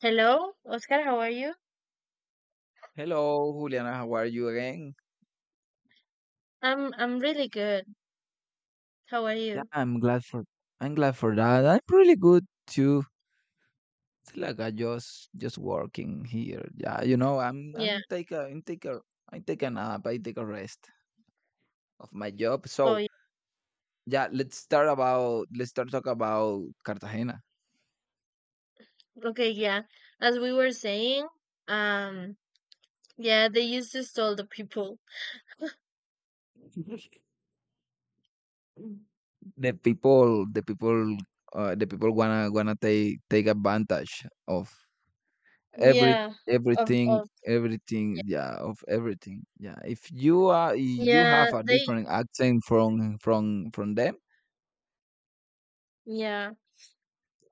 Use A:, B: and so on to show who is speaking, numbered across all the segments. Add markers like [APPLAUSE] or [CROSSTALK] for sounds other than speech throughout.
A: Hello, Oscar, how are you?
B: Hello, Juliana. How are you again?
A: I'm really good. How are
B: Yeah,
A: you?
B: I'm glad for that. I'm pretty good too. It's like I just working here. Yeah, I'm
A: Yeah.
B: I'm take a I'm take a I take a nap. I take a rest of my job.
A: Oh,
B: So
A: yeah.
B: yeah, let's start talk about Cartagena.
A: Okay, yeah. As we were saying, um, yeah, they used to stole the people.
B: [LAUGHS] The people, the people, the people wanna take advantage of every
A: Yeah. Of of
B: everything,
A: yeah.
B: yeah, of everything, yeah, if you are if you
A: Yeah,
B: have a
A: they
B: different accent from them.
A: yeah.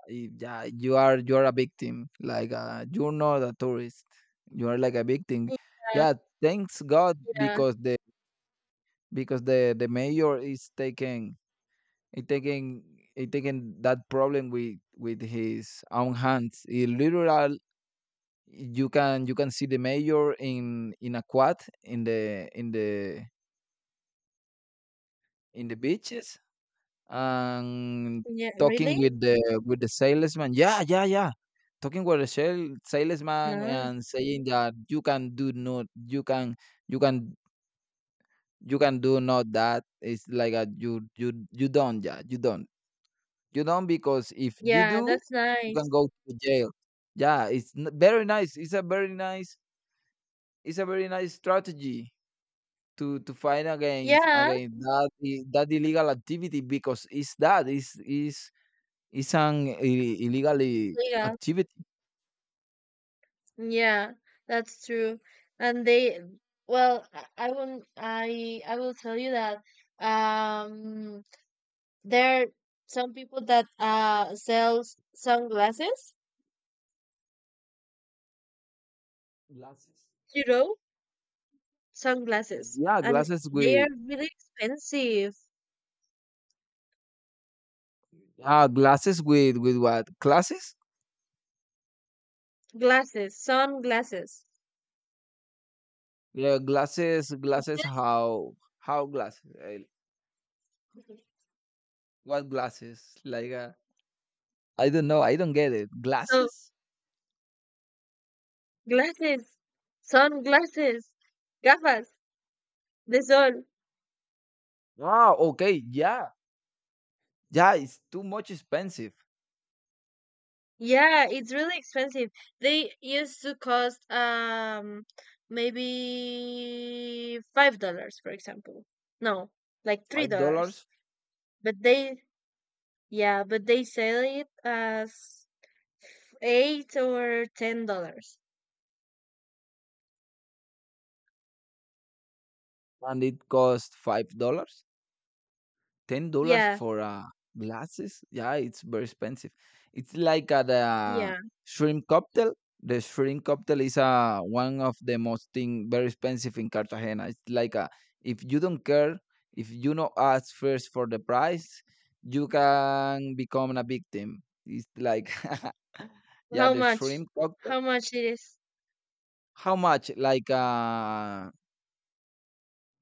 B: Yeah, you are a victim, like you're not a tourist, you are like a victim.
A: Yeah,
B: Yeah, thanks god,
A: yeah.
B: because the mayor is taking, is taking, is taking that problem with his own hands. He literal, you can see the mayor in a quad, in the in the In the beaches and
A: Yeah, really?
B: talking with the salesman. Yeah, yeah, yeah. Talking with the salesman
A: No.
B: and saying that you can do not you can you can you can do not that. It's like a, you don't yeah, you don't because if you
A: Yeah,
B: do,
A: that's
B: you can
A: nice.
B: go to jail. Yeah, it's very nice. It's a very nice strategy to fight against
A: Yeah,
B: against that illegal activity, because it's, that is. It's an illegally
A: yeah,
B: activity.
A: yeah, that's true. And they, well, I will tell you that. Um, there are some people that sells sunglasses,
B: Glasses.
A: you know, sunglasses,
B: Yeah,
A: and
B: glasses
A: they are
B: with,
A: really expensive
B: glasses with what glasses?
A: glasses, sunglasses,
B: Yeah, glasses
A: which
B: how glasses? What glasses? Like I don't know. I don't get it.
A: so
B: Glasses?
A: glasses, sunglasses, gafas, the sun.
B: Ah, okay. Yeah, yeah. It's too much expensive.
A: Yeah, it's really expensive. They used to cost maybe $5, for example. No, like three
B: Five
A: dollars.
B: dollars,
A: But they yeah, but they sell it as $8 or $10.
B: and it cost $5. $10
A: Yeah,
B: for glasses? Yeah, it's very expensive. It's like at a
A: yeah.
B: shrimp cocktail. The shrimp cocktail is one of the most thing very expensive in Cartagena. It's like a, if you don't care, if you not ask first for the price, you can become a victim. It's like [LAUGHS] yeah,
A: How
B: the
A: much?
B: shrimp cocktail.
A: How much it is?
B: How much? Like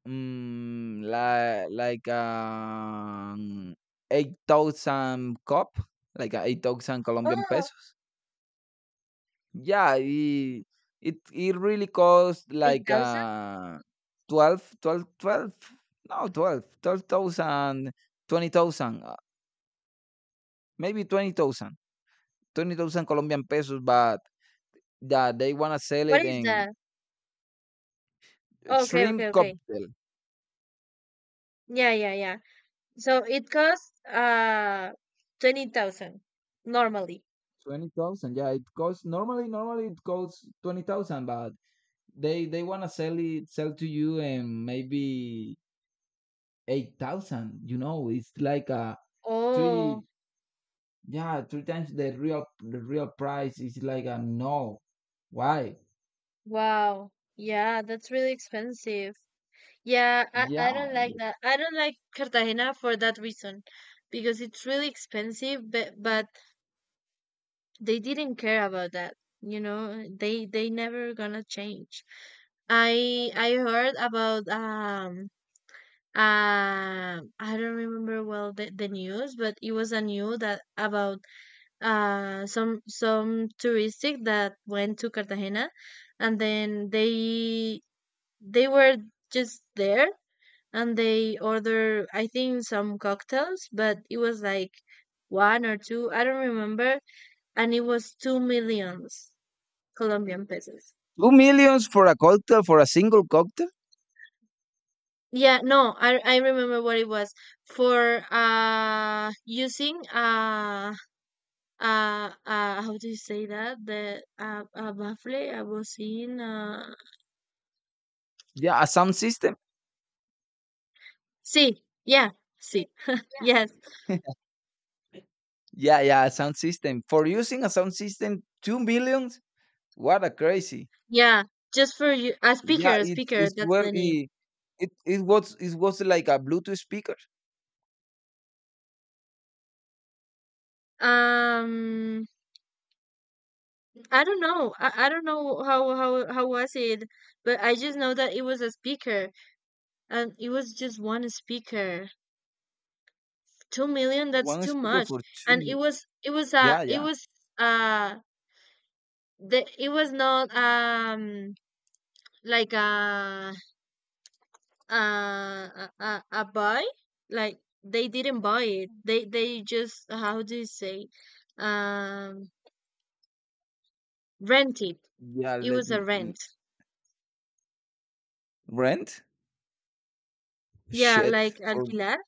B: Like, 8,000 COP, like, 8,000 Colombian
A: Oh,
B: pesos. Yeah, it really cost
A: eight
B: like,
A: thousand?
B: 12, no, 12,000, 20,000, maybe 20,000, Colombian pesos, but yeah, they wanna sell
A: What
B: it
A: is
B: in
A: that? Okay, okay,
B: shrimp
A: okay.
B: cocktail.
A: Yeah, yeah, yeah. So it costs 20,000 normally.
B: 20,000, yeah, normally it costs 20,000, but they want to sell to you, and maybe 8,000, it's like a three,
A: Oh,
B: yeah, three times the real price. Is like a, no, why.
A: wow. Yeah, that's really expensive. Yeah, I,
B: Yeah.
A: I don't like that. I don't like Cartagena for that reason because it's really expensive, but they didn't care about that, you know, they never gonna change. I heard about I don't remember well the news, but it was a news that about some touristic that went to Cartagena, and then they were just there, and they order I think some cocktails, but it was like one or two, I don't remember, and it was 2 million Colombian pesos.
B: 2 millions for a cocktail, for a single cocktail?
A: Yeah, no, I remember what it was for using how do you say that? The baffle I was in
B: Yeah, a sound system.
A: see, yeah, see. [LAUGHS] Yes.
B: [LAUGHS] Yeah, yeah, a sound system. For using a sound system, 2 millions? What a crazy.
A: Yeah. Just for you
B: Yeah,
A: a
B: it's
A: speaker,
B: it's
A: that's
B: well
A: the name.
B: it was like a Bluetooth speaker.
A: Um I don't know. I don't know how was it, but I just know that it was a speaker, and it was just one speaker. 2 million, that's
B: One
A: too
B: speaker
A: much.
B: for two.
A: And it
B: mi-
A: was it was
B: Yeah,
A: it
B: yeah.
A: was uh the it was not like a buy. Like they didn't buy it. They just how do you say um rent it.
B: Yeah,
A: It was a
B: l-
A: rent.
B: rent?
A: Yeah,
B: Shit.
A: like
B: For,
A: alquilar.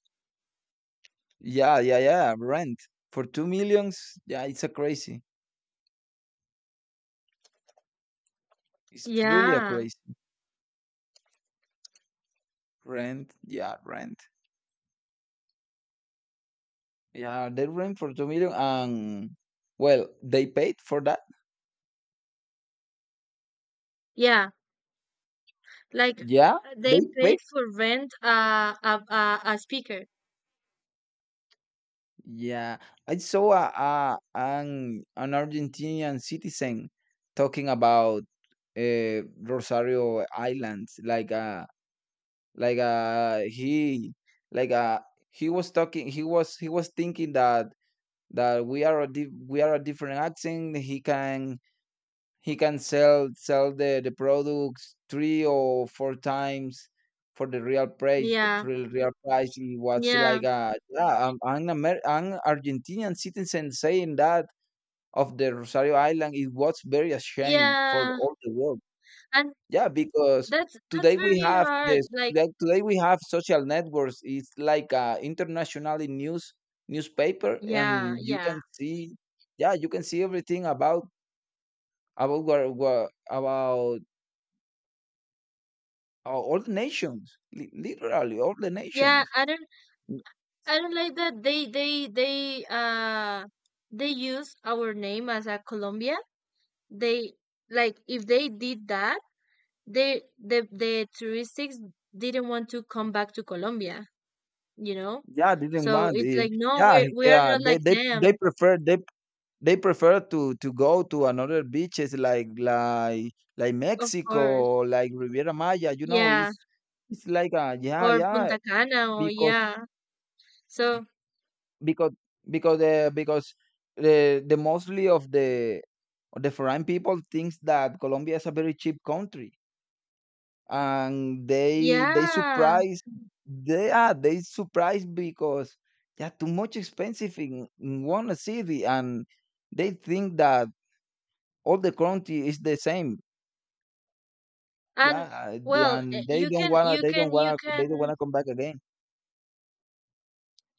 B: yeah, yeah, yeah, rent. For 2 millions, yeah, it's a crazy. It's really a
A: Yeah,
B: crazy. Rent. Yeah, they rent for 2 million and, well, they paid for that.
A: yeah. Like
B: Yeah,
A: they
B: they
A: paid
B: paid.
A: for rent a speaker.
B: Yeah. I saw a an Argentinian citizen talking about, Rosario Islands, like Like uh he like uh he was talking, he was thinking that we are a different accent. He can sell the products three or four times for the real price,
A: Yeah,
B: it was
A: yeah,
B: like yeah, I'm an Argentinian citizen saying that of the Rosario Island it was very ashamed for
A: yeah.
B: all the world.
A: And
B: Yeah, because
A: that's
B: today we
A: very
B: have
A: hard.
B: this.
A: Like,
B: Today, we have social networks. It's like a internationally newspaper,
A: yeah,
B: and you
A: yeah.
B: can see, yeah, you can see everything about about wha- wha- about all the nations, literally all the
A: Yeah,
B: nations.
A: I don't like that they use our name as a Colombia. They like if they did that, the touristics didn't want to come back to Colombia, you know?
B: Yeah, didn't
A: So
B: want.
A: it's like no, we
B: Yeah,
A: we are
B: yeah,
A: not
B: they
A: like
B: they they
A: them,
B: prefer they They prefer to go to another beaches, like
A: of course.
B: Mexico, like Riviera Maya,
A: Yeah.
B: it's, like a, yeah,
A: Or
B: yeah,
A: Punta Cana or
B: because
A: yeah. So
B: because because uh, because the mostly of the foreign people thinks that Colombia is a very cheap country, and they
A: yeah.
B: surprise, they surprise because they are too much expensive in, one city, and they think that all the country is the same. Yeah,
A: And
B: the
A: well,
B: and
A: you
B: they don't
A: can
B: wanna come back again.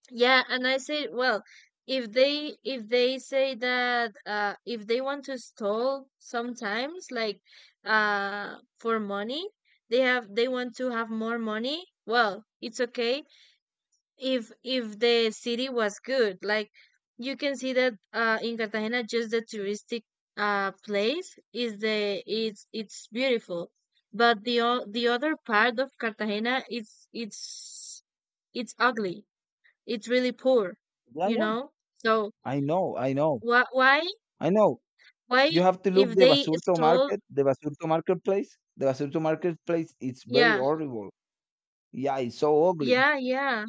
A: yeah, and I say well, if they say that if they want to stall sometimes like for money, they want to have more money, well, it's okay if the city was good, like you can see that in Cartagena just the touristic place is the it's beautiful, but the other part of Cartagena it's ugly, it's really poor,
B: Yeah,
A: you
B: yeah.
A: know, so
B: I know, I know,
A: why
B: I know.
A: why
B: You have to look
A: if
B: the
A: they
B: Basurto
A: stole
B: market, the Basurto marketplace. The Basurto marketplace, it's very
A: yeah
B: horrible. Yeah, it's so ugly.
A: yeah yeah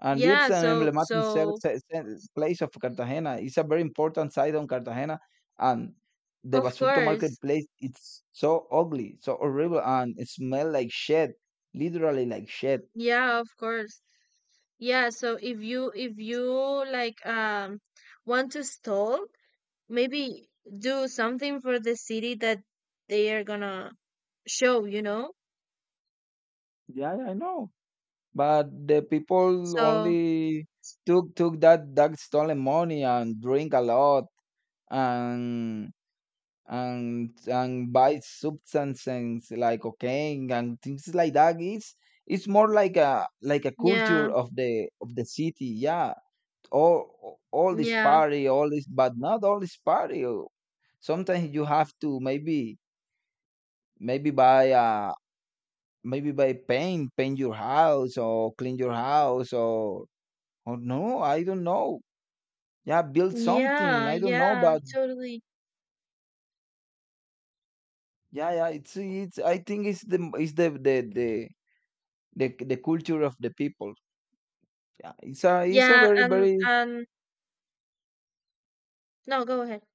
B: And
A: yeah
B: it's an
A: so
B: emblematic
A: so,
B: place of Cartagena. It's a very important site on Cartagena. And the
A: of
B: Basurto
A: course,
B: marketplace, it's so ugly, so horrible, and it smell like shit, literally like shit.
A: yeah, of course. Yeah, so if you like want to stall, maybe do something for the city that they are gonna show, you know?
B: Yeah, I know. But the people
A: So
B: only took that stolen money and drink a lot, and buy substances like cocaine and things like that. It's more like a,
A: yeah,
B: culture of the city. Yeah, all this
A: yeah,
B: party, all this, but not all this party. Sometimes you have to, maybe, maybe buy a maybe buy paint your house or clean your house, or oh no, I don't know. Yeah, build something.
A: yeah,
B: I don't know,
A: yeah,
B: but
A: totally.
B: yeah, yeah. It's it's. I think it's the culture of the people. Yeah, it's a
A: Yeah,
B: very
A: and
B: very
A: no, go ahead.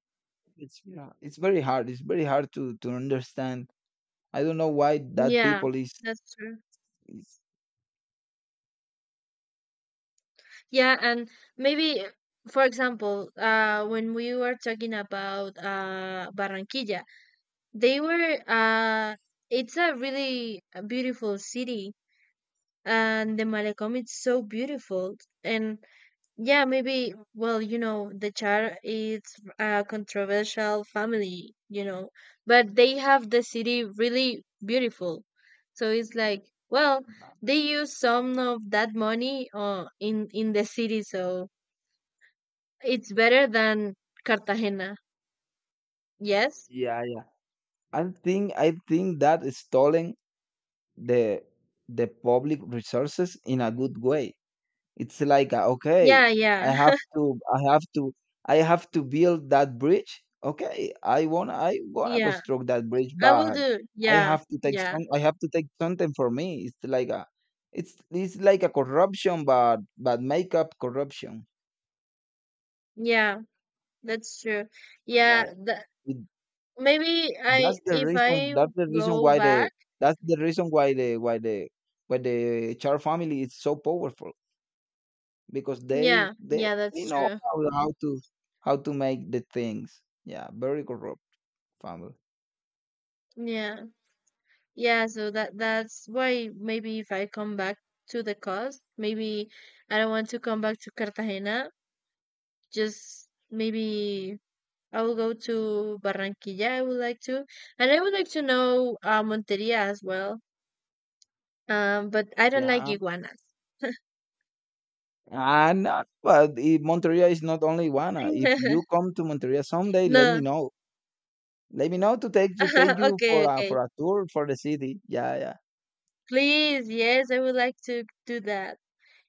B: it's yeah, it's very hard. It's very hard to understand. I don't know why that
A: Yeah,
B: people is,
A: that's true.
B: is
A: Yeah, and maybe for example, when we were talking about Barranquilla, they were it's a really a beautiful city, and the Malecom is so beautiful, and yeah, maybe, well, you know, the Char is a controversial family, you know, but they have the city really beautiful, so it's like, well, they use some of that money, in the city, so it's better than Cartagena, yes.
B: Yeah, yeah. I think that is stalling the the public resources in a good way. It's like, okay,
A: Yeah, yeah.
B: I have to, I have to, I have to build that bridge. Okay, I
A: [LAUGHS]
B: wanna
A: Yeah,
B: construct that bridge,
A: I will
B: but
A: do.
B: I
A: Yeah,
B: have to take
A: yeah.
B: some, I have to take something for me. It's like a, it's like a corruption, but make up corruption.
A: Yeah, that's true. Yeah,
B: Yeah,
A: the,
B: it,
A: maybe I
B: that's the
A: if
B: reason.
A: I
B: That's the reason
A: go
B: why the,
A: back.
B: that's the reason why the, why the Char family is so powerful. Because
A: Yeah, yeah,
B: they
A: that's
B: know
A: true.
B: how to make the things. Yeah, very corrupt family.
A: Yeah. Yeah, so that's why maybe if I come back to the coast, maybe I don't want to come back to Cartagena. Just maybe I will go to Barranquilla. I would like to, and I would like to know Monteria as well. But I don't like
B: Yeah,
A: iguanas.
B: and but if Monteria is not only one. If you
A: [LAUGHS]
B: come to Monteria someday, let
A: No.
B: me know. Let me know to take
A: [LAUGHS]
B: you
A: Okay,
B: for a
A: okay.
B: tour for the city. Yeah, yeah,
A: Please, yes, I would like to do that.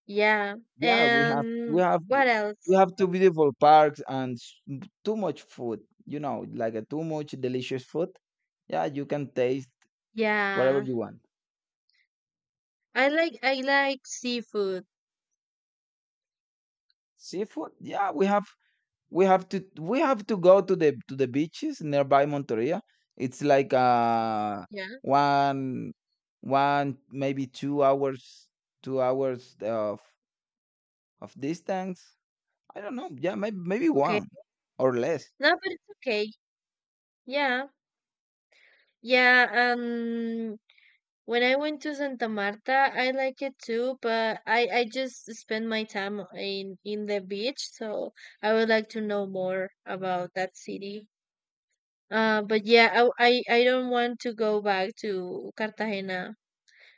A: Yeah.
B: yeah.
A: And what
B: We
A: else?
B: have two beautiful parks and too much food. You know, like a too much delicious food. Yeah, you can taste whatever
A: Yeah.
B: you want.
A: I like seafood.
B: Seafood. Yeah, we have to go to the beaches nearby Monteria. It's like
A: Yeah.
B: one one, maybe, two hours, of distance. I don't know. Yeah, maybe
A: Okay.
B: one or less.
A: No, but it's okay. Yeah. Yeah, um when I went to Santa Marta, I like it too, but I just spend my time in the beach, so I would like to know more about that city. But yeah, I don't want to go back to Cartagena,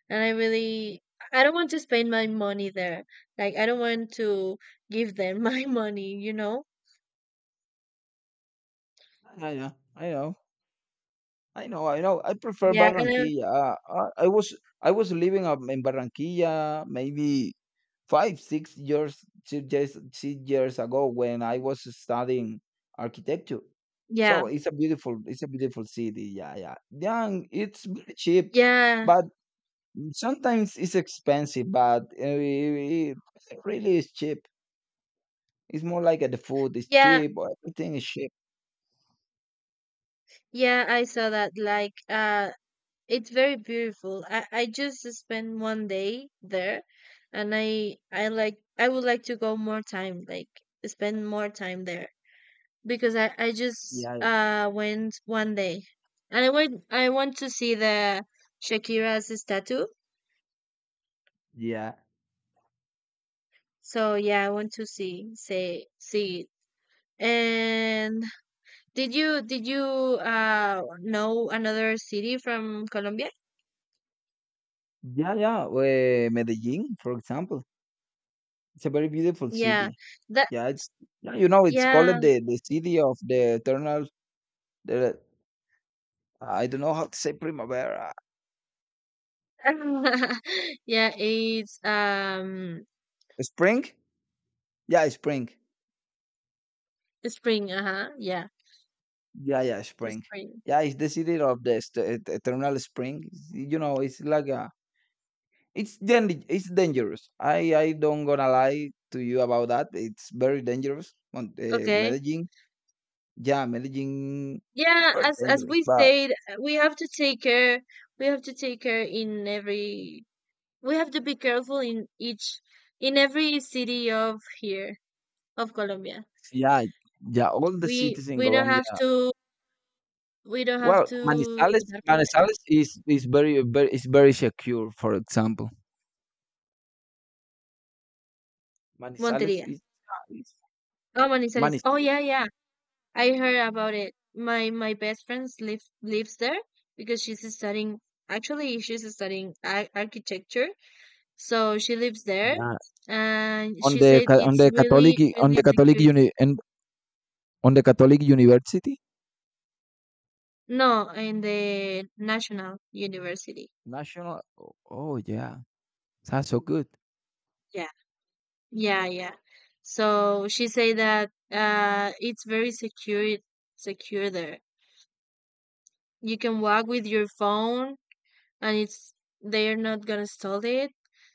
A: and I really I don't want to spend my money there. Like I don't want to give them [LAUGHS] my money, you know?
B: Yeah, yeah. I know. I know. I know. I prefer
A: Yeah, and I,
B: Barranquilla. I was living up in Barranquilla maybe five six years, ago when I was studying architecture,
A: yeah.
B: so it's a beautiful city. Yeah, yeah, yeah. And it's very cheap,
A: Yeah.
B: but sometimes it's expensive, but it really is cheap. It's more like the food is
A: Yeah.
B: cheap, or everything is cheap.
A: Yeah, I saw that like it's very beautiful. I just spent one day there, and I would like to go more time, like spend more time there, because I just
B: Yeah,
A: went one day. And I want to see the Shakira's statue.
B: yeah,
A: So yeah, I want to see it. And did you know another city from Colombia?
B: yeah, yeah, Medellin, for example. It's a very beautiful
A: Yeah.
B: city.
A: That
B: Yeah, it's yeah, you know, it's called
A: yeah.
B: the city of the eternal, the I don't know how to say primavera.
A: [LAUGHS] Yeah, it's
B: Spring? Yeah, spring.
A: spring, uh-huh. Yeah,
B: Yeah, yeah, spring.
A: spring.
B: Yeah, it's the city of the eternal spring. You know, it's like a, it's dangerous. I don't gonna lie to you about that. It's very dangerous. On
A: Okay.
B: Medellin, yeah, Medellin, it's
A: Yeah,
B: very
A: as
B: dangerous.
A: we
B: But
A: said, we have to take care. We have to take care in every we have to be careful in each in every city of here of Colombia.
B: yeah, yeah, all the cities in
A: We don't
B: Colombia.
A: have to
B: Well,
A: dar papaya.
B: Manizales is very, very, is very secure. For example, Manizales
A: Monteria.
B: is, yeah, is
A: Oh, Manizales. Oh yeah,
B: Manizales.
A: yeah. I heard about it. My best friend lives there because she's studying. Actually, she's studying architecture, so she lives there,
B: Yeah,
A: and she said
B: on
A: it's
B: the Catholic,
A: really
B: on
A: really
B: the Catholic
A: security.
B: uni, and on the Catholic University,
A: No, in the National University.
B: national. Oh, yeah, that's so good.
A: Yeah, yeah, yeah. So she said that it's very secure there. You can walk with your phone, and it's they're not gonna steal it,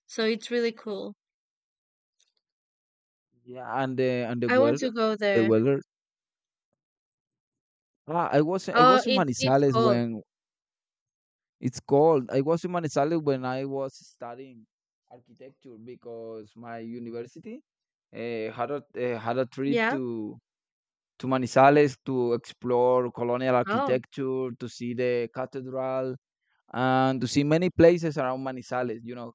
A: so it's really cool.
B: Yeah, and the,
A: I want
B: weather,
A: to go
B: the
A: there.
B: weather. Ah, I
A: Oh,
B: was in
A: it's
B: Manizales
A: cold.
B: when it's cold. I was in Manizales when I was studying architecture because my university, had a trip
A: Yeah.
B: to Manizales to explore colonial
A: Oh,
B: architecture, to see the cathedral and to see many places around Manizales. You know,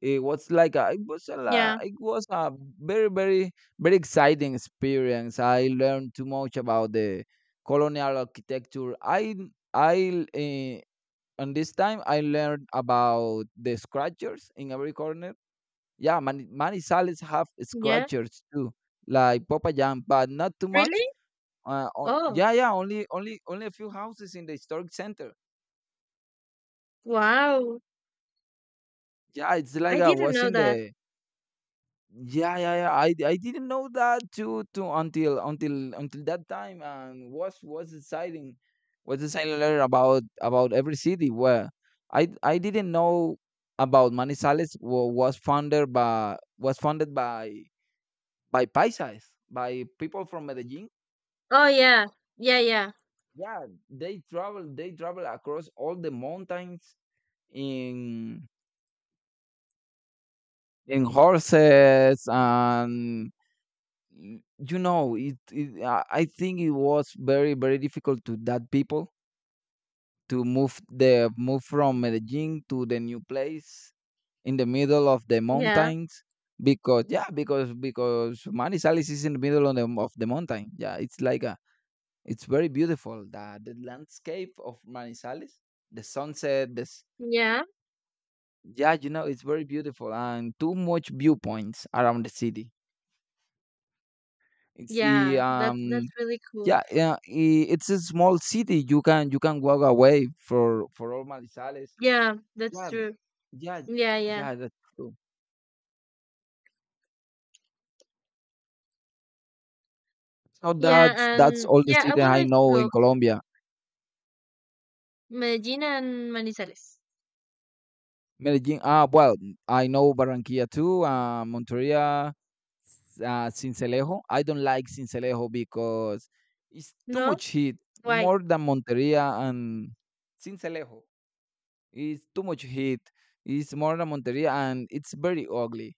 B: it was like a,
A: yeah,
B: it was a very, very, very exciting experience. I learned too much about the colonial architecture. I uh, on this time I learned about the scratchers in every corner. Yeah, Manizales have
A: yeah,
B: scratchers too, like Popayán, but not too much.
A: really. Oh,
B: Yeah, yeah, only a few houses in the historic center.
A: wow.
B: Yeah, it's
A: I
B: like I
A: didn't
B: was
A: know
B: in
A: that.
B: the, yeah, yeah, yeah. I didn't know that too until that time, and was deciding later about every city where I didn't know about Manizales was founded by paisas, by people from Medellin.
A: Oh, yeah, yeah, yeah,
B: Yeah, they travel across all the mountains in in horses, and y- you know it, it I think it was very difficult to that people to move from Medellin to the new place in the middle of the
A: yeah,
B: mountains. Because, yeah, because Manizales is in the middle of the mountain. Yeah, it's like a it's very beautiful, the landscape of Manizales, the sunset, this...
A: yeah,
B: Yeah, it's very beautiful, and too much viewpoints around the city. It's the
A: yeah, that's really cool.
B: Yeah, yeah, it's a small city. You can walk away for all Manizales.
A: Yeah, that's
B: Yeah,
A: true.
B: yeah,
A: Yeah, yeah,
B: yeah. That's true. So
A: yeah.
B: that's
A: And
B: all the
A: yeah, I
B: city
A: would
B: I
A: like to
B: know
A: go
B: in Colombia.
A: Medellin and Manizales.
B: Medellin. Ah, well, I know Barranquilla too. Monteria, Sincelejo. I don't like Sincelejo because it's too
A: No,
B: much heat,
A: why?
B: more than Monteria and Sincelejo. It's too much heat. It's more than Monteria, and it's very ugly.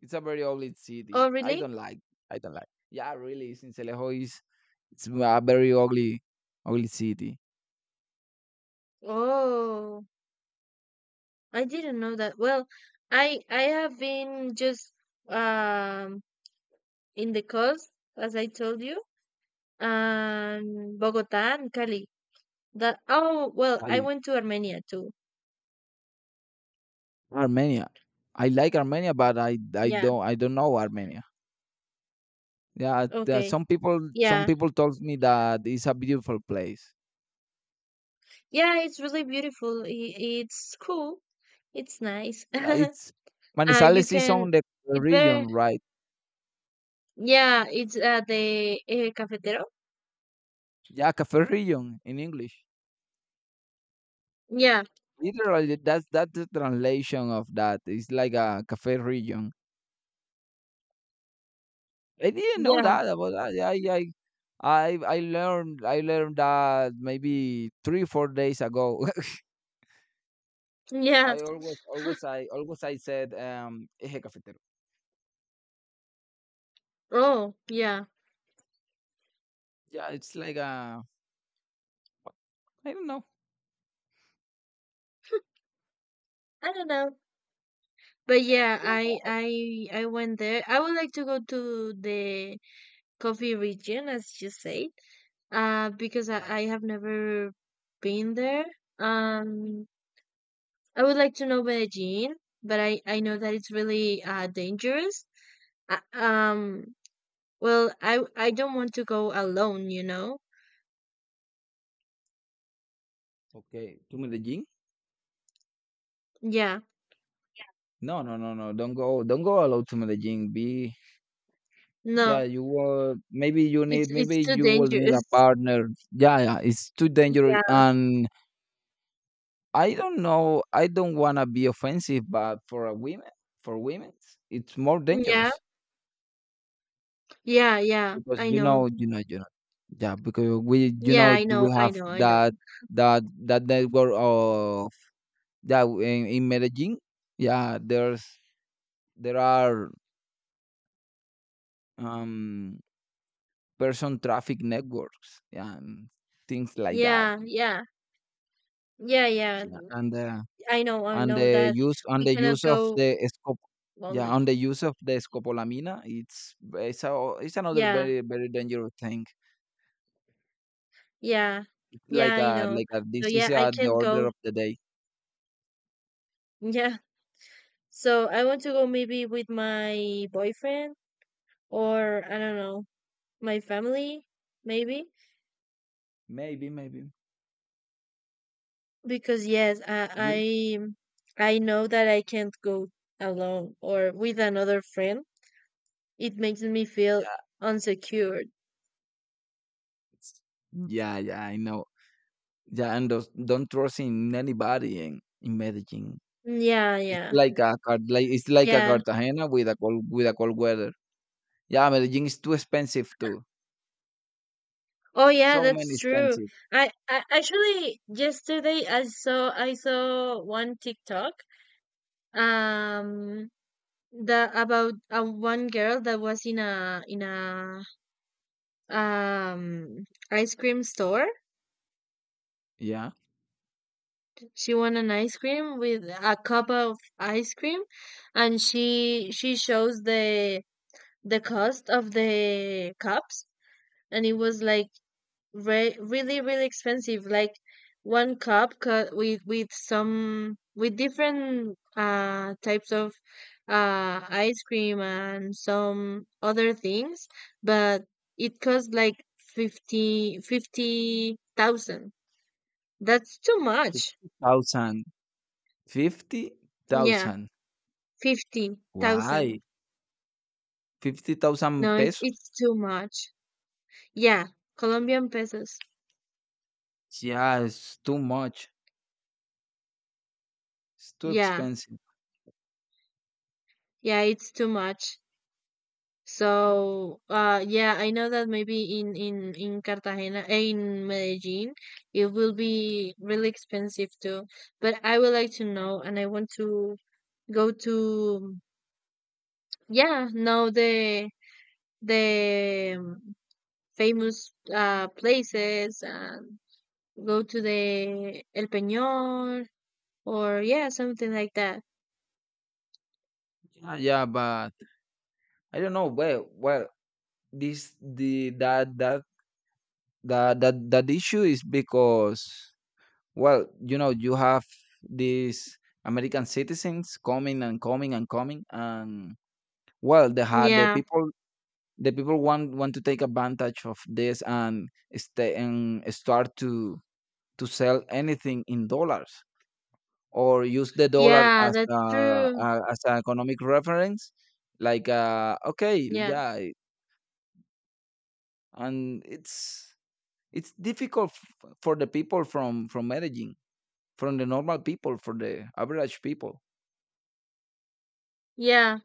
B: It's a very ugly
A: Oh,
B: city. I
A: really?
B: don't like. I don't like. Yeah, really, Sincelejo is it's a very ugly, ugly city.
A: Oh, I didn't know that. Well, I have been just um in the coast, as I told you, and Bogota and Cali. That, oh well, I
B: Ali,
A: went to Armenia too.
B: Armenia. I like Armenia, but I I
A: Yeah.
B: don't I don't know Armenia. Yeah, there are
A: Okay.
B: some people some
A: Yeah.
B: people told me that it's a beautiful place.
A: Yeah, it's really beautiful. I- it's cool. It's nice.
B: Yeah,
A: [LAUGHS]
B: It's
A: You
B: Manizales is
A: can.
B: on the
A: It's very.
B: region, right?
A: Yeah, it's the cafetero.
B: Yeah, cafe region in English.
A: Yeah.
B: Literally, that's the translation of that. It's like a cafe region. I didn't know
A: Yeah.
B: that about that. Yeah, I. yeah. I learned that maybe 3 4 days ago. [LAUGHS]
A: Yeah.
B: I always always I said eje cafetero.
A: Oh, yeah.
B: Yeah, it's like I don't know.
A: I don't know. But
B: Yeah,
A: yeah,
B: like,
A: I went there. I would like to go to the coffee region, as you said, because
B: yeah,
A: I have never been there. Um, I would like to know Medellin, but I know that it's really dangerous. Uh, um, well, I don't want to go alone, you know.
B: okay, to Medellin?
A: Yeah,
B: No, no, no, no. Don't go. Don't go alone to Medellin. Be yeah.
A: no,
B: You will, maybe you need,
A: it's
B: maybe
A: too
B: you will need a
A: dangerous.
B: partner. Yeah, yeah. It's too
A: [LAUGHS]
B: dangerous,
A: Yeah,
B: and I don't know. I don't wanna be offensive, but for women, it's more
A: yeah,
B: dangerous.
A: yeah, yeah.
B: Because
A: I
B: you
A: know.
B: know, you know, you know. Yeah, because we, you
A: Yeah,
B: know,
A: I
B: do
A: know.
B: we
A: I
B: have
A: know. I know.
B: that that network of, yeah, in Medellin. Yeah, there are um person traffic networks, yeah, and things like that.
A: Yeah, yeah. Yeah, yeah.
B: Yeah, and
A: I
B: and
A: know
B: the
A: that
B: use
A: we
B: and the
A: cannot
B: use of
A: go
B: the scop yeah,
A: lonely.
B: on the use of the scopolamina. It's another
A: Yeah,
B: very dangerous thing.
A: yeah,
B: It's
A: yeah, I know.
B: like a
A: So yeah,
B: disease
A: I
B: at the
A: can
B: order
A: go.
B: of
A: [LAUGHS]
B: the day.
A: Yeah. So I want to go maybe with my boyfriend, or I don't know, my family, maybe.
B: Maybe.
A: Because yes, I know that I can't go alone or with another friend. It makes me feel
B: Yeah,
A: unsecured.
B: it's yeah, yeah, I know. Yeah, don't trust in anybody in Medellin.
A: Yeah,
B: It's
A: yeah,
B: like a Car- like it's like a
A: yeah.
B: Cartagena with a cold weather. Yeah, Medellin is too expensive too.
A: Oh, yeah,
B: So many
A: that's true.
B: expensive.
A: I actually yesterday I saw one TikTok, um the about one girl that was in a um ice cream store.
B: Yeah,
A: She won an ice cream with a cup of ice cream, and she shows the cost of the cups, and it was like really really expensive, like one cup with some with different types of ice cream and some other things, but it costs like 50,000. That's too much.
B: 50,000. Fifty
A: Yeah,
B: thousand. Why?
A: 50,000.
B: 50,000
A: No, it's
B: pesos?
A: too much, yeah, Colombian pesos.
B: Yeah, it's too much. It's too
A: Yeah,
B: expensive.
A: yeah, it's too much. So, yeah, I know that maybe in Cartagena, eh, in Medellin, it will be really expensive too. But I would like to know, and I want to go to, yeah, know the famous places and go to the El Peñón or yeah, something like that.
B: Yeah, yeah, but I don't know. Well, this the that issue is because, well, you know, you have these American citizens coming and coming and coming. And, well,
A: Yeah,
B: the people want to take advantage of this and stay and start to sell anything in dollars. Or use the dollar
A: yeah,
B: as
A: that's true.
B: a as an economic reference, like, okay,
A: Yeah,
B: yeah. And it's difficult for the people from Medellin, from the normal people, for the average people,
A: yeah.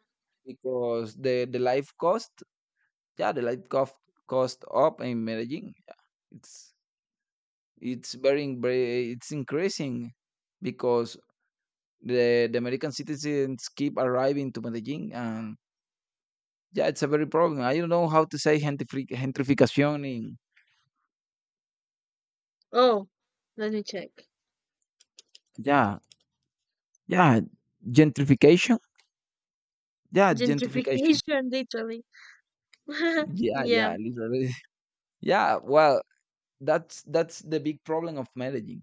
B: because the life cost, yeah, the life cost cost up in Medellin. Yeah, it's it's very in- very- it's increasing because the American citizens keep arriving to Medellin. And yeah, it's a very problem. I don't know how to say gentrification in...
A: Oh, let me check.
B: yeah, yeah. Gentrification. Yeah, gentrification.
A: Gentrification, [LAUGHS] literally. [LAUGHS]
B: Yeah,
A: Yeah,
B: literally. [LAUGHS] Yeah, well, that's the big problem of Medellin.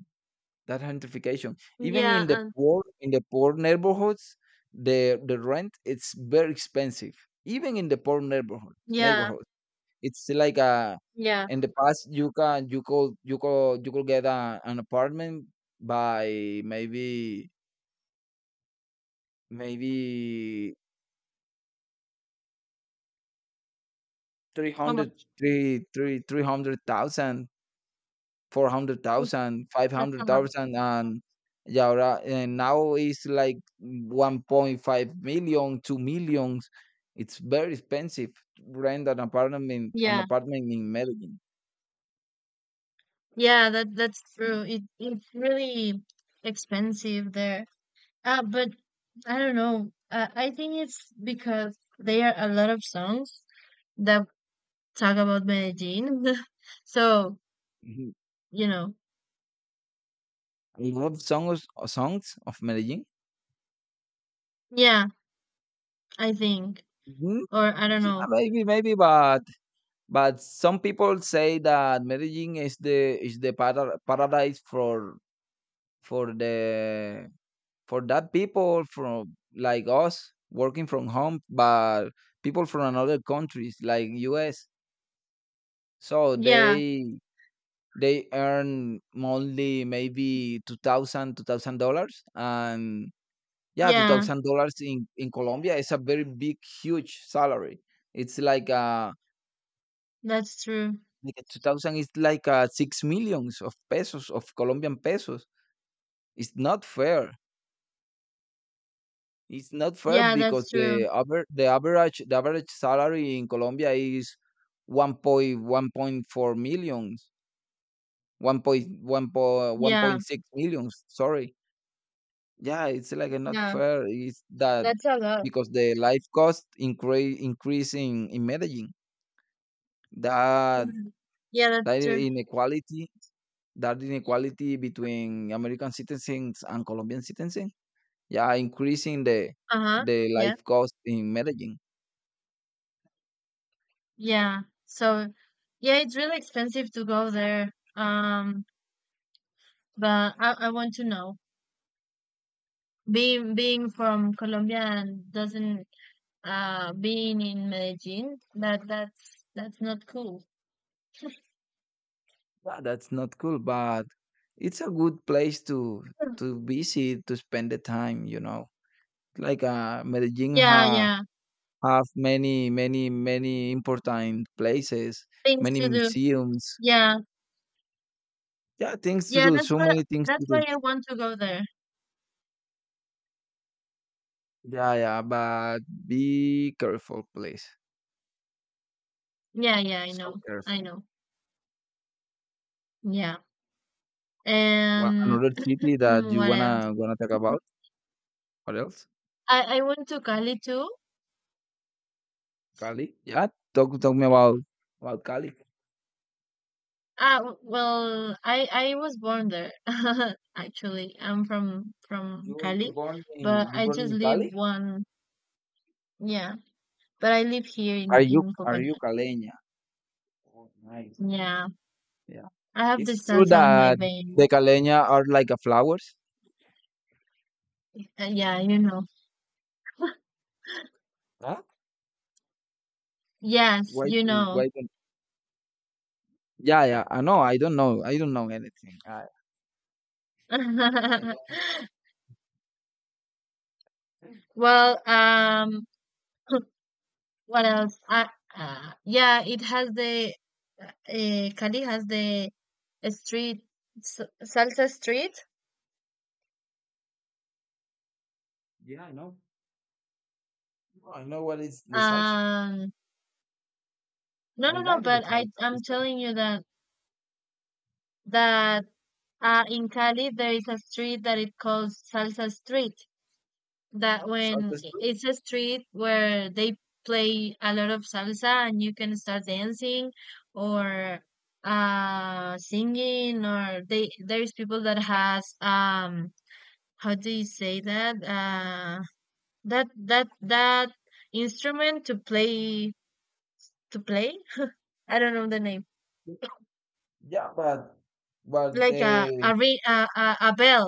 B: That gentrification. Even
A: yeah,
B: in the
A: and
B: poor in the poor neighborhoods, the rent it's very expensive. Even in the poor neighborhood
A: yeah,
B: neighborhood. It's like a
A: yeah.
B: In the past, you can you could you could you could get an apartment by maybe three
A: How
B: hundred
A: much?
B: three hundred thousand. Four hundred
A: Oof,
B: thousand, five
A: that's a
B: hundred
A: lot.
B: thousand, and, yeah, ahora, and now it's like 1.5 million, two millions. It's very expensive to rent an
A: Yeah,
B: apartment in Medellin.
A: yeah. That's true. It's really expensive there. But I don't know. I think it's because there are a lot of songs that talk about Medellin. [LAUGHS] So
B: Mhm.
A: you know,
B: I love songs of Medellin.
A: yeah. I think,
B: hmm
A: or I don't
B: Yeah,
A: know.
B: but some people say that Medellin is paradise for the for that people, from like us working from home, but people from another countries like us. So
A: Yeah,
B: they earn monthly maybe 2000 dollars. And yeah,
A: yeah.
B: $2,000 in Colombia is a very big huge salary. It's
A: That's true.
B: like a 2000 is like 6 millions of pesos, of Colombian pesos. It's not fair. It's not fair
A: Yeah,
B: because
A: that's
B: the
A: true.
B: aver the average the average salary in Colombia is 1.1.4 millions, one
A: Yeah,
B: point six millions. Sorry. Yeah, it's like a not
A: yeah.
B: fair. It's that
A: That's a lot.
B: because the life cost increase in Medellin. That
A: Yeah, yeah, that's
B: that
A: true.
B: inequality, that inequality between American citizens and Colombian citizens, yeah, increasing the
A: Uh-huh.
B: the
A: Yeah.
B: life cost in Medellin.
A: Yeah. So, yeah, it's really expensive to go there. But I want to know. Being from Colombia and doesn't being in Medellin, that's not cool.
B: Yeah, that's not cool, but it's a good place to visit, to spend the time. You know, like, Medellin
A: Yeah, yeah.
B: have many, many, many important places,
A: Things
B: many
A: to do.
B: museums.
A: Yeah.
B: Yeah, things to
A: Yeah,
B: do.
A: that's
B: So
A: why
B: many things
A: that's
B: to
A: why
B: do.
A: I want to go there.
B: Yeah, yeah, but be careful, please.
A: Yeah, yeah, I
B: So
A: know. I
B: careful.
A: know. Yeah.
B: What
A: And
B: another city that
A: [CLEARS THROAT]
B: you
A: what else?
B: wanna talk about? What else?
A: I went to Cali too.
B: Cali. Yeah, talk me about Cali.
A: Well, I was born there. [LAUGHS] Actually, I'm from
B: You you
A: Cali,
B: born
A: but
B: in you
A: I
B: born
A: just
B: in
A: live
B: Cali?
A: one. Yeah, but I live here
B: Are
A: in
B: are you are you
A: Popayán.
B: caleña? Oh, nice.
A: Yeah,
B: Yeah.
A: I have the
B: It's true
A: salsa on my
B: that
A: vein.
B: the caleña are like a flowers.
A: Yeah, you know.
B: Huh?
A: Yes, you know.
B: Why don't... yeah, yeah. I know, I don't know. I don't know anything. I don't...
A: [LAUGHS] Well, what else? Yeah, it has the Cali has the street salsa street.
B: yeah, I know. No, I know what is the salsa.
A: Um, No,
B: I
A: no, no,
B: like the
A: but I
B: salsa.
A: I'm
B: It's the
A: telling you that that in Cali there is a street that it calls Salsa Street. That when
B: salsa is good.
A: It's a street where they play a lot of salsa and you can start dancing or singing, or they there's people that has how do you say that that that that instrument to play to play I don't know the name,
B: Yeah, but
A: like a
B: the
A: ri- a bell.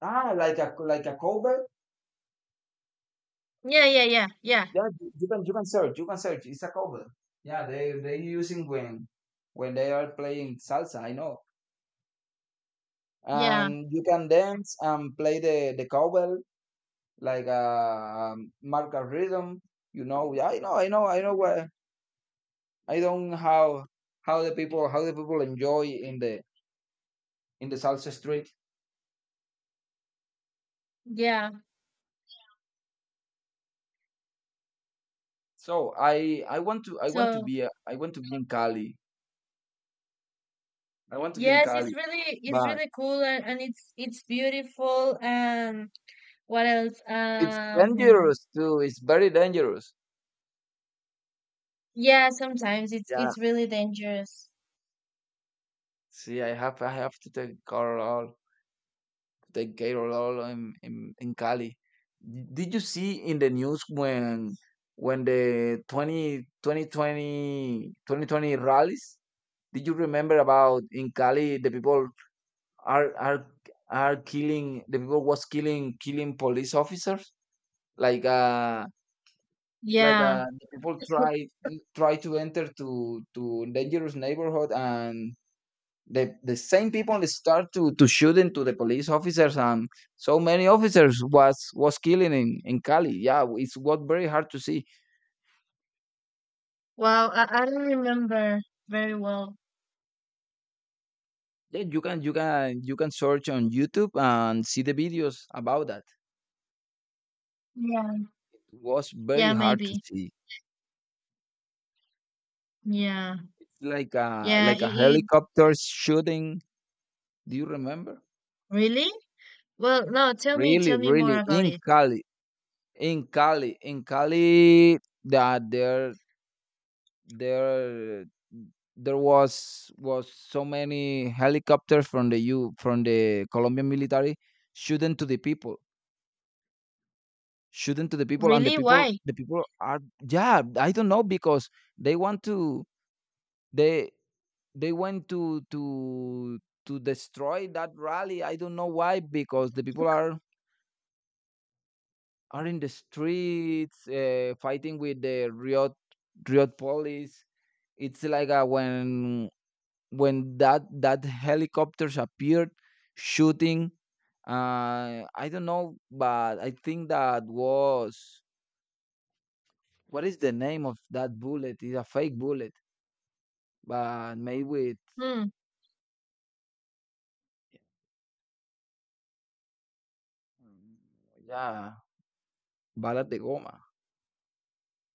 B: ah like a cover.
A: Yeah, yeah, yeah, yeah,
B: Yeah, you can search. You can search. It's a cover. Yeah, they using when they are playing salsa. I know.
A: yeah,
B: And you can dance and play the cowbell like a, marker rhythm. You know, yeah, I know what... I don't how how the people enjoy in the salsa street.
A: yeah.
B: So I want to
A: So
B: be a, I want to be in Cali. I want to be in
A: yes, it's
B: Cali,
A: really
B: but
A: cool, and it's beautiful, and what else?
B: it's dangerous too. It's very dangerous.
A: Yeah, sometimes it's
B: Yeah.
A: really dangerous.
B: See, I have to take car all the Gatorade in Cali. Did you see in the news when the 20, 2020 2020 rallies? Did you remember about in Cali the people are are are killing? The people was killing police officers. Like, like
A: Yeah.
B: uh the people
A: [LAUGHS]
B: try to enter to dangerous neighborhood, and the same people start to shoot into the police officers, and so many officers was killing in Cali. Yeah, it's what very hard to see.
A: Wow, I don't remember very well.
B: Yeah, you can search on YouTube and see the videos about that.
A: Yeah.
B: It was very
A: Yeah,
B: hard to
A: maybe.
B: see.
A: Yeah.
B: Like a,
A: Yeah, it
B: helicopter shooting. Do you remember?
A: Really? Well, no, tell me more
B: Really
A: about
B: in
A: it.
B: cali in cali in Cali, that there there was so many helicopters from the U from the Colombian military, shooting to the people, and
A: Really? Why?
B: the people are... yeah, I don't know because they want to they they went to destroy that rally. I don't know why, because the people are in the streets, fighting with the riot police. It's like, when that helicopters appeared shooting. I don't know, but I think that was... what is the name of that bullet? It's a fake bullet, but made with...
A: Hmm.
B: yeah, balas de goma.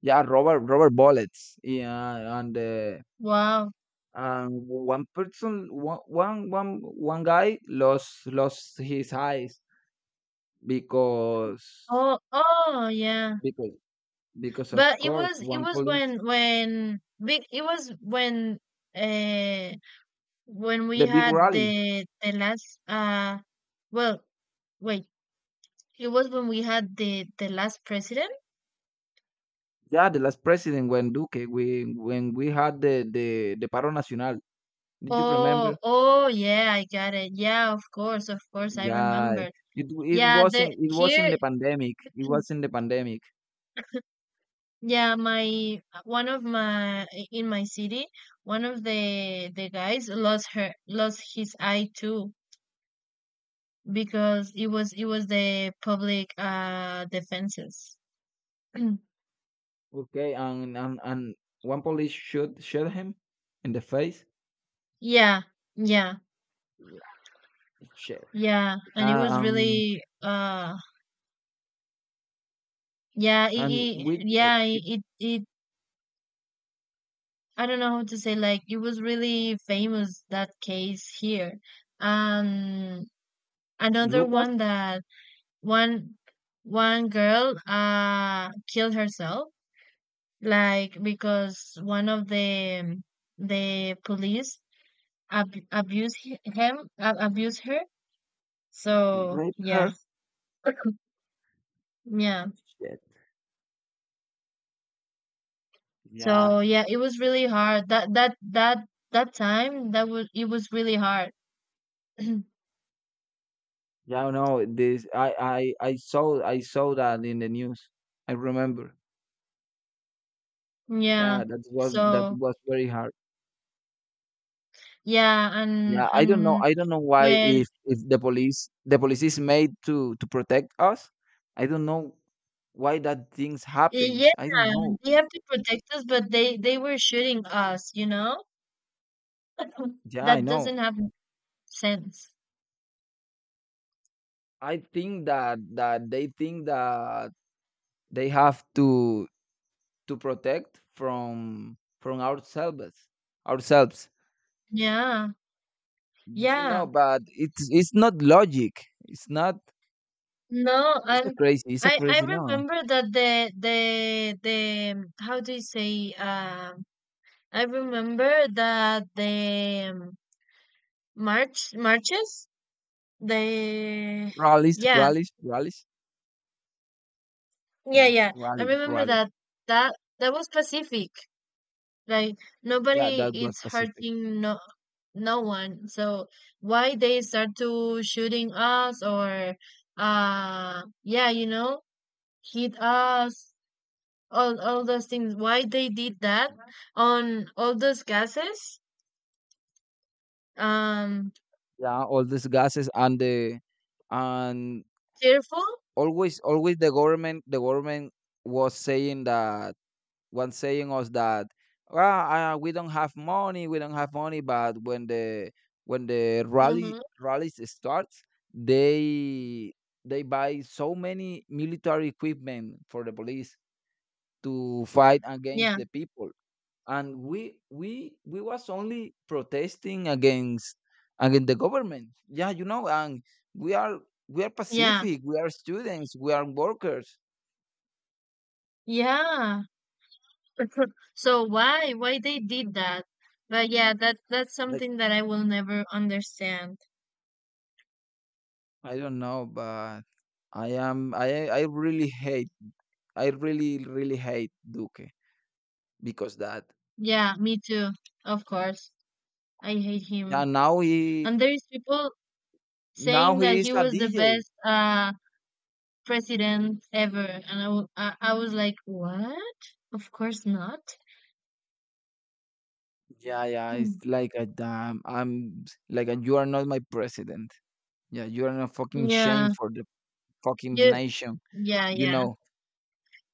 B: Yeah, rubber bullets. Yeah, and
A: Wow.
B: one one one one guy lost his eyes because...
A: Oh, oh, yeah.
B: because of
A: But
B: course,
A: it
B: one
A: was
B: police...
A: when big it was when uh when we
B: The big
A: had
B: rally.
A: the last well wait it was when we had the last president.
B: Yeah, the last president, when Duque, we when we had the paro nacional. Did you remember?
A: Oh, oh, yeah, I got it. Yeah, of course, I
B: Yeah,
A: remember.
B: it it
A: Yeah, the
B: wasn't it was in
A: here.
B: the pandemic. It was in the pandemic.
A: Yeah, my one of my, in my city, one of the guys lost her lost his eye too, because it was, the public defenses. [CLEARS THROAT]
B: Okay, and one police shot him in the face.
A: Yeah, yeah,
B: Yeah, shit.
A: yeah, and it
B: Yeah,
A: was really
B: and with,
A: yeah it I don't know how to say, like it was really famous, that case here. Um, Another
B: Lucas...
A: one, that one girl killed herself, like because one of the police ab abuse hi- him, ab abuse her. So
B: raped
A: yeah.
B: her.
A: [LAUGHS] [CLEARS THROAT] Yeah.
B: Shit. Yeah,
A: So yeah, it was really hard. That that that that time that was It was really hard. [CLEARS THROAT]
B: yeah. No, this, I saw that in the news. I remember.
A: Yeah.
B: Yeah, that was that
A: So
B: was very hard.
A: yeah,
B: Yeah, I don't know.
A: and
B: I don't know why
A: when
B: if the police is made to protect us. I don't know why that things
A: yeah,
B: happens. I don't know.
A: they have to protect us, but they were shooting us. You know, [CLEARS THROAT]
B: Yeah,
A: that
B: I
A: doesn't
B: know.
A: have sense.
B: I think that they think that they have to protect from ourselves, ourselves.
A: Yeah.
B: You
A: Yeah.
B: know, but it's not logic. It's not.
A: No,
B: It's a crazy. It's a
A: I
B: crazy. No,
A: remember that the how do you say I remember that the march marches, the
B: rallies,
A: yeah,
B: rallies, rallies. Yeah,
A: yeah I
B: rally,
A: remember
B: rally.
A: that that was Pacific, like
B: Yeah, that
A: nobody
B: was
A: is
B: specific.
A: hurting, no one. So why they start to shooting us, or yeah, you know, hit us, all those things. Why they did that on all those gases? um
B: Yeah, all these gases, and the and
A: Cheerful.
B: always the government was saying that was saying us that, well, we don't have money. But when the rally
A: Mm-hmm.
B: rallies starts, they they buy so many military equipment for the police to fight against
A: yeah
B: the people. And we was only protesting against the government, yeah, you know, and we are we are
A: yeah
B: pacific, we are students, we are workers.
A: yeah, so why they did that? But yeah, that that's
B: Like,
A: something that I will never understand.
B: I don't know, but i am i i really hate I really really hate Duque, because that...
A: Yeah, me too, of course. I hate
B: yeah,
A: him. And there's people
B: now
A: saying
B: he
A: that
B: is
A: he
B: a
A: was the
B: DJ.
A: best president ever, and I was like, what? Of course not.
B: Yeah, yeah, it's
A: [CLEARS THROAT]
B: like a, damn, I'm like a, you are not my president. Yeah, you are a fucking shame
A: Yeah.
B: for the fucking
A: You.
B: nation,
A: Yeah,
B: you
A: yeah.
B: know.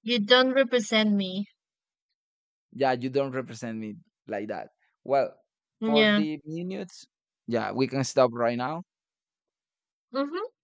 A: You don't represent me.
B: Yeah, you don't represent me like that. Well, for
A: Yeah.
B: the minutes, yeah, we can stop right now.
A: Hmm.